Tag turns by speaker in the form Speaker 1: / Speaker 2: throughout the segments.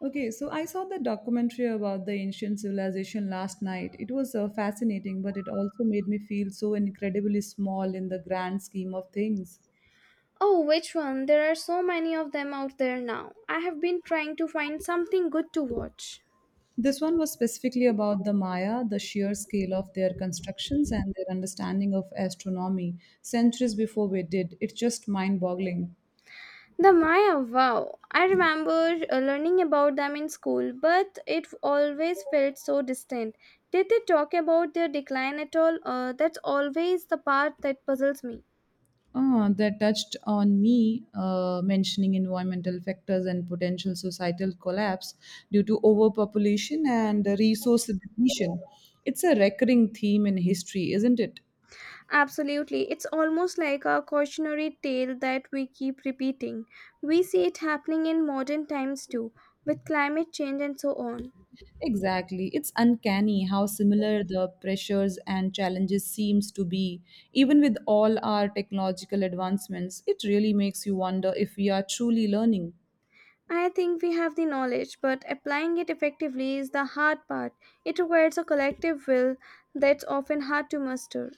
Speaker 1: Okay, so I saw the documentary about the ancient civilization last night. It was fascinating, but it also made me feel so incredibly small in the grand scheme of things.
Speaker 2: Oh, which one? There are so many of them out there now. I have been trying to find something good to watch.
Speaker 1: This one was specifically about the Maya, the sheer scale of their constructions and their understanding of astronomy centuries before we did. It's just mind boggling.
Speaker 2: The Maya, wow. I remember learning about them in school, but it always felt so distant. Did they talk about their decline at all? That's always the part that puzzles me.
Speaker 1: That touched on me mentioning environmental factors and potential societal collapse due to overpopulation and resource depletion. It's a recurring theme in history, isn't it?
Speaker 2: Absolutely. It's almost like a cautionary tale that we keep repeating. We see it happening in modern times too, with climate change and so on.
Speaker 1: Exactly. It's uncanny how similar the pressures and challenges seems to be. Even with all our technological advancements, it really makes you wonder if we are truly learning.
Speaker 2: I think we have the knowledge, but applying it effectively is the hard part. It requires a collective will that's often hard to muster.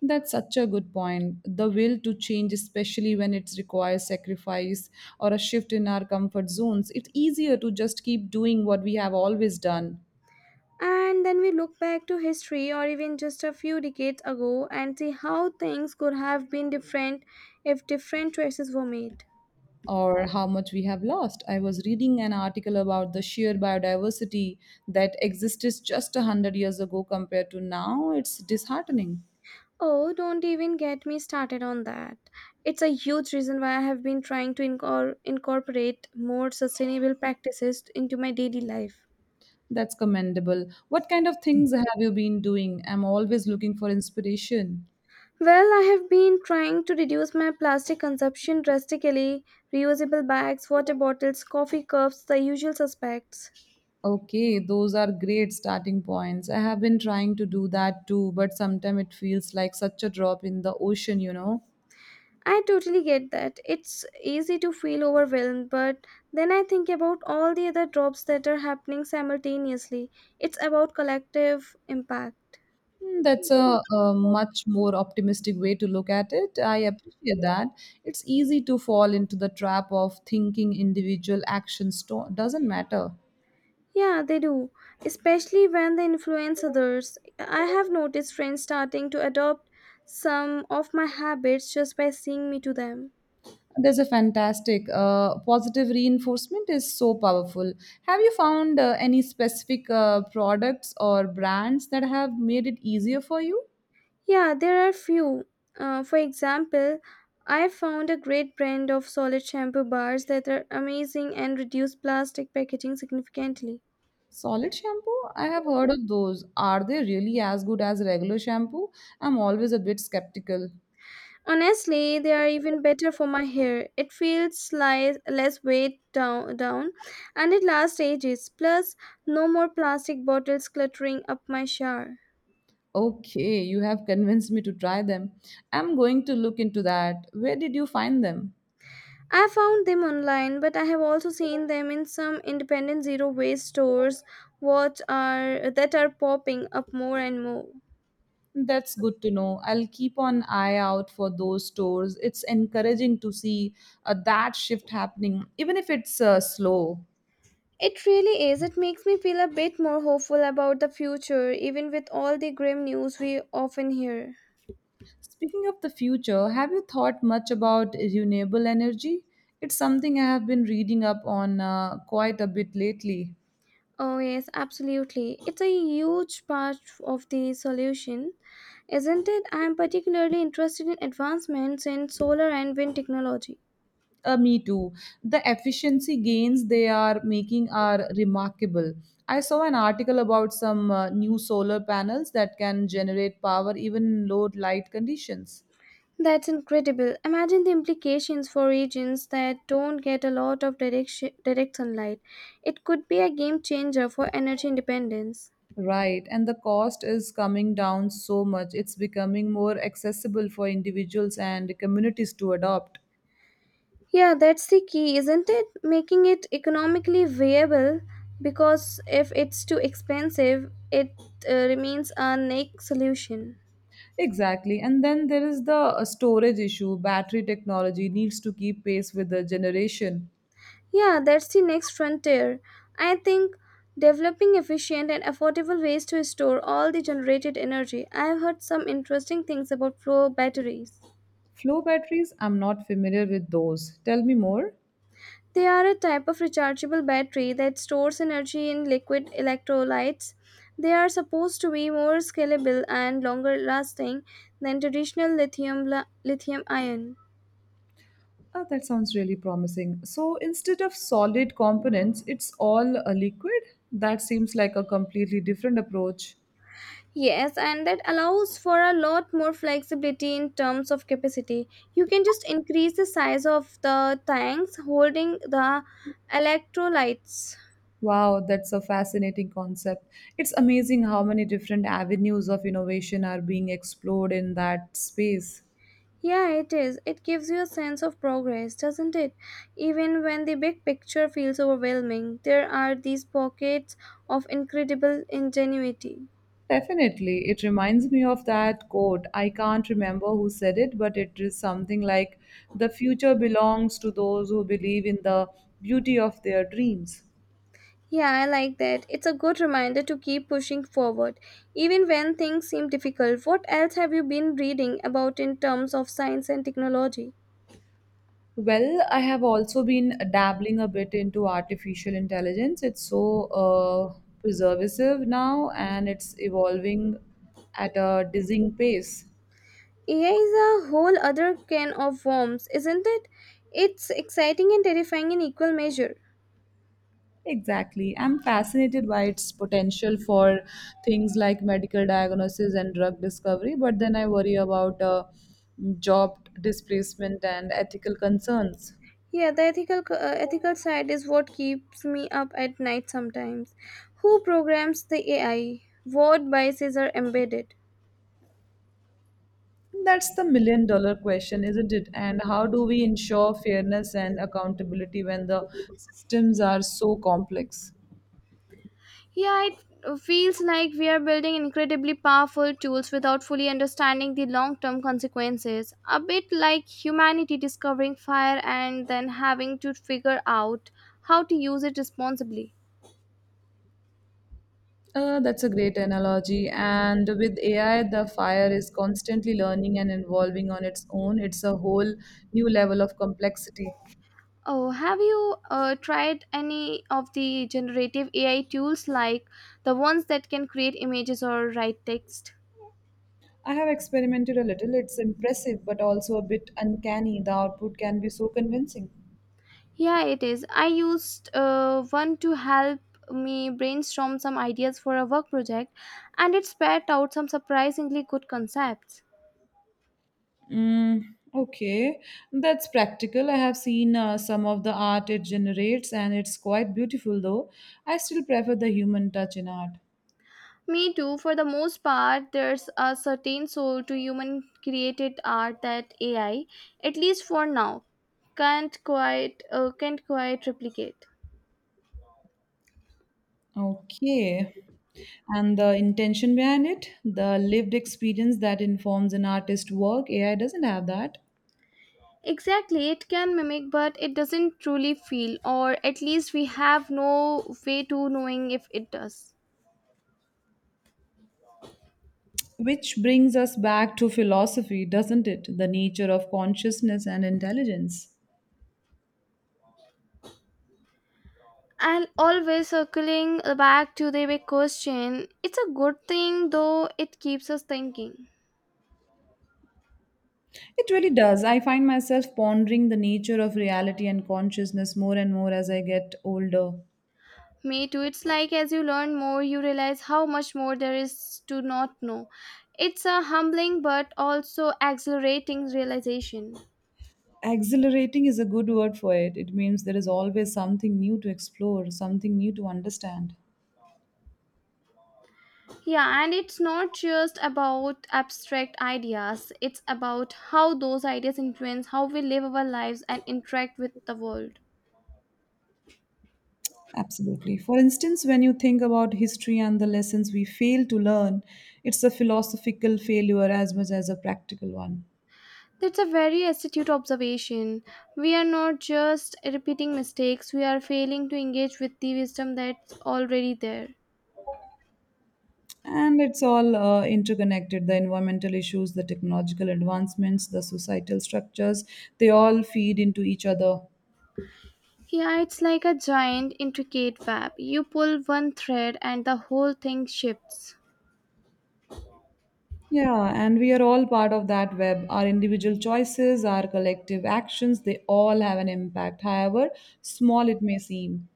Speaker 1: That's such a good point. The will to change, especially when it requires sacrifice or a shift in our comfort zones, it's easier to just keep doing what we have always done
Speaker 2: And then we look back to history or even just a few decades ago and see how things could have been different if different choices were made.
Speaker 1: or how much we have lost. I was reading an article about the sheer biodiversity that existed just 100 years ago compared to now. It's disheartening.
Speaker 2: Oh, don't even get me started on that. It's a huge reason why I have been trying to incorporate more sustainable practices into my daily life.
Speaker 1: That's commendable. What kind of things have you been doing? I'm always looking for inspiration.
Speaker 2: Well, I have been trying to reduce my plastic consumption drastically. Reusable bags, water bottles, coffee cups, the usual suspects.
Speaker 1: Okay, those are great starting points. I have been trying to do that too, but sometimes it feels like such a drop in the ocean,
Speaker 2: I totally get that. It's easy to feel overwhelmed, but then I think about all the other drops that are happening simultaneously. It's about collective impact.
Speaker 1: That's a much more optimistic way to look at it. I appreciate that. It's easy to fall into the trap of thinking individual actions doesn't matter.
Speaker 2: Yeah, they do, especially when they influence others. I have noticed friends starting to adopt some of my habits just by seeing me do them.
Speaker 1: There's a fantastic positive reinforcement is so powerful. Have you found any specific products or brands that have made it easier for you?
Speaker 2: Yeah, there are few. For example, I found a great brand of solid shampoo bars that are amazing and reduce plastic packaging significantly.
Speaker 1: Solid shampoo? I have heard of those. Are they really as good as regular shampoo? I'm always a bit skeptical.
Speaker 2: Honestly, they are even better for my hair. It feels like less weight down and it lasts ages. Plus, no more plastic bottles cluttering up my shower.
Speaker 1: Okay, you have convinced me to try them. I'm going to look into that. Where did you find them?
Speaker 2: I found them online, but I have also seen them in some independent zero waste stores what are that are popping up more and more.
Speaker 1: That's good to know. I'll keep an eye out for those stores. It's encouraging to see that shift happening, even if it's slow.
Speaker 2: It really is. It makes me feel a bit more hopeful about the future, even with all the grim news we often hear.
Speaker 1: Speaking of the future, have you thought much about renewable energy? It's something I have been reading up on quite a bit lately.
Speaker 2: Oh, yes, absolutely. It's a huge part of the solution, isn't it? I'm particularly interested in advancements in solar and wind technology.
Speaker 1: Me too. The efficiency gains they are making are remarkable. I saw an article about some new solar panels that can generate power even in low light conditions.
Speaker 2: That's incredible. Imagine the implications for regions that don't get a lot of direct sunlight. It could be a game changer for energy independence.
Speaker 1: Right, and the cost is coming down so much. It's becoming more accessible for individuals and communities to adopt.
Speaker 2: Yeah, that's the key, isn't it? Making it economically viable because if it's too expensive, it remains a neck solution.
Speaker 1: Exactly. And then there is the storage issue. Battery technology needs to keep pace with the generation.
Speaker 2: Yeah, that's the next frontier. I think developing efficient and affordable ways to store all the generated energy. I've heard some interesting things about flow batteries.
Speaker 1: Flow batteries, I'm not familiar with those. Tell me more.
Speaker 2: They are a type of rechargeable battery that stores energy in liquid electrolytes. They are supposed to be more scalable and longer lasting than traditional lithium ion.
Speaker 1: Oh, that sounds really promising. So instead of solid components, it's all a liquid? That seems like a completely different approach.
Speaker 2: Yes, and that allows for a lot more flexibility in terms of capacity. You can just increase the size of the tanks holding the electrolytes.
Speaker 1: Wow, that's a fascinating concept. It's amazing how many different avenues of innovation are being explored in that space.
Speaker 2: Yeah, it is. It gives you a sense of progress, doesn't it? Even when the big picture feels overwhelming, there are these pockets of incredible ingenuity.
Speaker 1: Definitely. It reminds me of that quote. I can't remember who said it, but it is something like the future belongs to those who believe in the beauty of their dreams.
Speaker 2: Yeah, I like that. It's a good reminder to keep pushing forward, even when things seem difficult. What else have you been reading about in terms of science and technology?
Speaker 1: Well, I have also been dabbling a bit into artificial intelligence. It's so preservative now and it's evolving at a dizzying pace.
Speaker 2: AI is a whole other can of worms, isn't it? It's exciting and terrifying in equal measure.
Speaker 1: Exactly. I'm fascinated by its potential for things like medical diagnosis and drug discovery, but then I worry about job displacement and ethical concerns.
Speaker 2: Yeah, the ethical side is what keeps me up at night sometimes. Who programs the AI? What biases are embedded?
Speaker 1: That's the million dollar question, isn't it? And how do we ensure fairness and accountability when the systems are so complex?
Speaker 2: Yeah, it feels like we are building incredibly powerful tools without fully understanding the long-term consequences. A bit like humanity discovering fire and then having to figure out how to use it responsibly.
Speaker 1: That's a great analogy. And with AI, the fire is constantly learning and evolving on its own. It's a whole new level of complexity.
Speaker 2: Oh, have you tried any of the generative AI tools like the ones that can create images or write text?
Speaker 1: I have experimented a little. It's impressive, but also a bit uncanny. The output can be so convincing.
Speaker 2: Yeah, it is. I used one to help me brainstorm some ideas for a work project, and it spat out some surprisingly good concepts.
Speaker 1: Mm, okay, that's practical. I have seen some of the art it generates, and it's quite beautiful, though. I still prefer the human touch in art.
Speaker 2: Me too, for the most part, there's a certain soul to human created art that AI, at least for now, can't quite replicate.
Speaker 1: Okay, and the intention behind it, the lived experience that informs an artist's work, AI doesn't have that.
Speaker 2: Exactly, it can mimic, but it doesn't truly feel, or at least we have no way to knowing if it does.
Speaker 1: Which brings us back to philosophy, doesn't it? The nature of consciousness and intelligence.
Speaker 2: And always circling back to the big question, it's a good thing though it keeps us thinking.
Speaker 1: It really does. I find myself pondering the nature of reality and consciousness more and more as I get older.
Speaker 2: Me too, it's like as you learn more, you realize how much more there is to not know. It's a humbling but also exhilarating realization.
Speaker 1: Exhilarating is a good word for it. It means there is always something new to explore, something new to understand.
Speaker 2: Yeah, and it's not just about abstract ideas, it's about how those ideas influence how we live our lives and interact with the world.
Speaker 1: Absolutely. For instance, when you think about history and the lessons we fail to learn, it's a philosophical failure as much as a practical one.
Speaker 2: That's a very astute observation. We are not just repeating mistakes, we are failing to engage with the wisdom that's already there.
Speaker 1: And it's all interconnected the environmental issues, the technological advancements, the societal structures, they all feed into each other.
Speaker 2: Yeah, it's like a giant, intricate web. You pull one thread and the whole thing shifts.
Speaker 1: Yeah, and we are all part of that web. Our individual choices, our collective actions, they all have an impact, however small it may seem.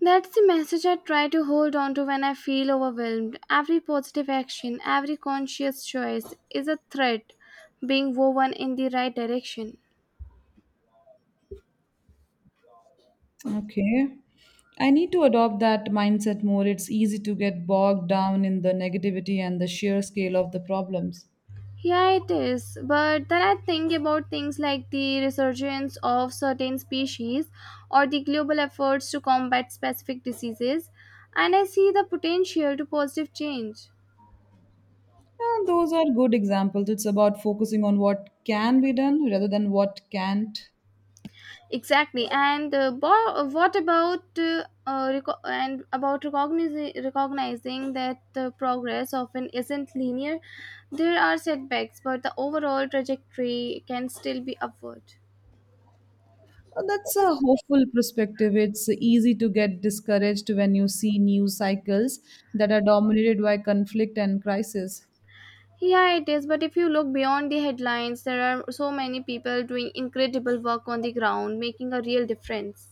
Speaker 2: That's the message I try to hold on to when I feel overwhelmed. Every positive action, every conscious choice is a thread being woven in the right direction.
Speaker 1: Okay. I need to adopt that mindset more. It's easy to get bogged down in the negativity and the sheer scale of the problems.
Speaker 2: Yeah, it is. But then I think about things like the resurgence of certain species or the global efforts to combat specific diseases, and I see the potential to positive change.
Speaker 1: And those are good examples. It's about focusing on what can be done rather than what can't.
Speaker 2: Exactly. And bo- what about reco- and about recognizing that the progress often isn't linear. There are setbacks, but the overall trajectory can still be upward.
Speaker 1: That's a hopeful perspective. It's easy to get discouraged when you see news cycles that are dominated by conflict and crisis.
Speaker 2: Yeah, it is. But if you look beyond the headlines, there are so many people doing incredible work on the ground, making a real difference.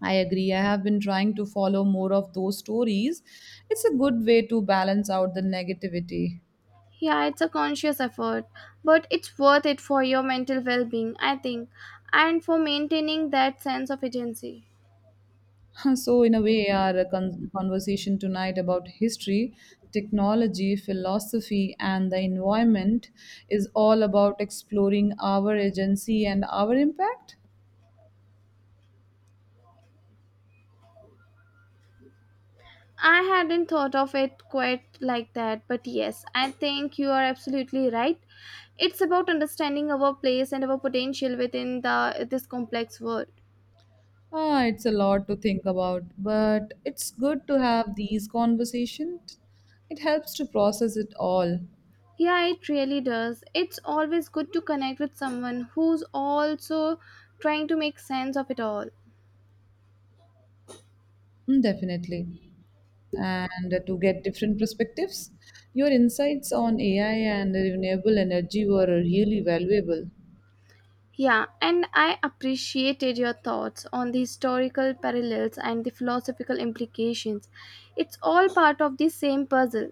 Speaker 1: I agree. I have been trying to follow more of those stories. It's a good way to balance out the negativity.
Speaker 2: Yeah, it's a conscious effort, but it's worth it for your mental well being, I think, and for maintaining that sense of agency.
Speaker 1: So, in a way, our conversation tonight about history, technology, philosophy, and the environment is all about exploring our agency and our impact.
Speaker 2: I hadn't thought of it quite like that, but yes, I think you are absolutely right. It's about understanding our place and our potential within the this complex world.
Speaker 1: Ah, it's a lot to think about, but it's good to have these conversations. It helps to process it all.
Speaker 2: Yeah, it really does. It's always good to connect with someone who's also trying to make sense of it all.
Speaker 1: Mm, definitely, and to get different perspectives. Your insights on AI and renewable energy were really valuable.
Speaker 2: Yeah, and I appreciated your thoughts on the historical parallels and the philosophical implications. It's all part of the same puzzle.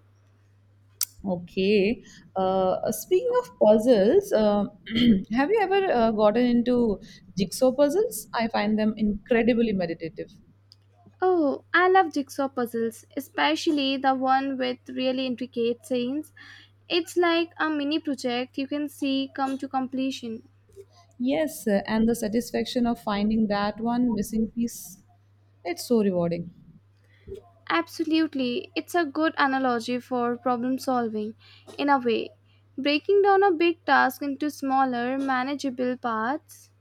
Speaker 1: Okay. Speaking of puzzles, have you ever gotten into jigsaw puzzles? I find them incredibly meditative.
Speaker 2: Oh, I love jigsaw puzzles, especially the one with really intricate scenes. It's like a mini project you can see come to completion.
Speaker 1: Yes, and the satisfaction of finding that one missing piece, it's so rewarding.
Speaker 2: Absolutely, it's a good analogy for problem solving, in a way. Breaking down a big task into smaller, manageable parts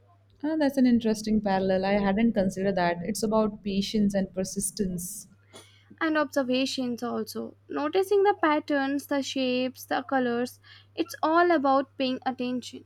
Speaker 1: Ah, that's an interesting parallel. I hadn't considered that. It's about patience and persistence.
Speaker 2: and observations, also. Noticing the patterns, the shapes, the colors, it's all about paying attention.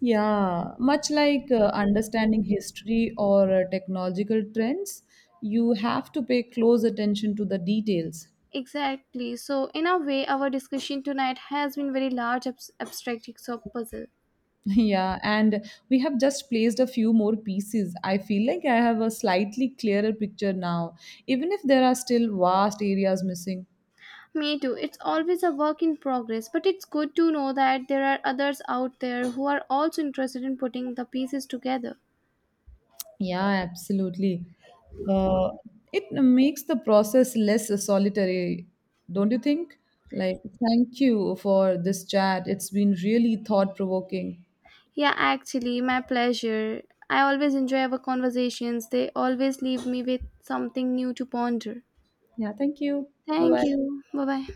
Speaker 1: Yeah, much like understanding history or technological trends, you have to pay close attention to the details.
Speaker 2: Exactly. So, in a way, our discussion tonight has been very large abstract of puzzle.
Speaker 1: Yeah, and we have just placed a few more pieces. I feel like I have a slightly clearer picture now, even if there are still vast areas missing.
Speaker 2: Me too. It's always a work in progress, but it's good to know that there are others out there who are also interested in putting the pieces together.
Speaker 1: Yeah, absolutely. Uh, it makes the process less solitary, don't you think? Like, thank you for this chat. It's been really thought provoking.
Speaker 2: Yeah, actually, my pleasure. I always enjoy our conversations. They always leave me with something new to ponder.
Speaker 1: Yeah, thank you. Bye
Speaker 2: Thank
Speaker 1: bye.
Speaker 2: you. Bye bye.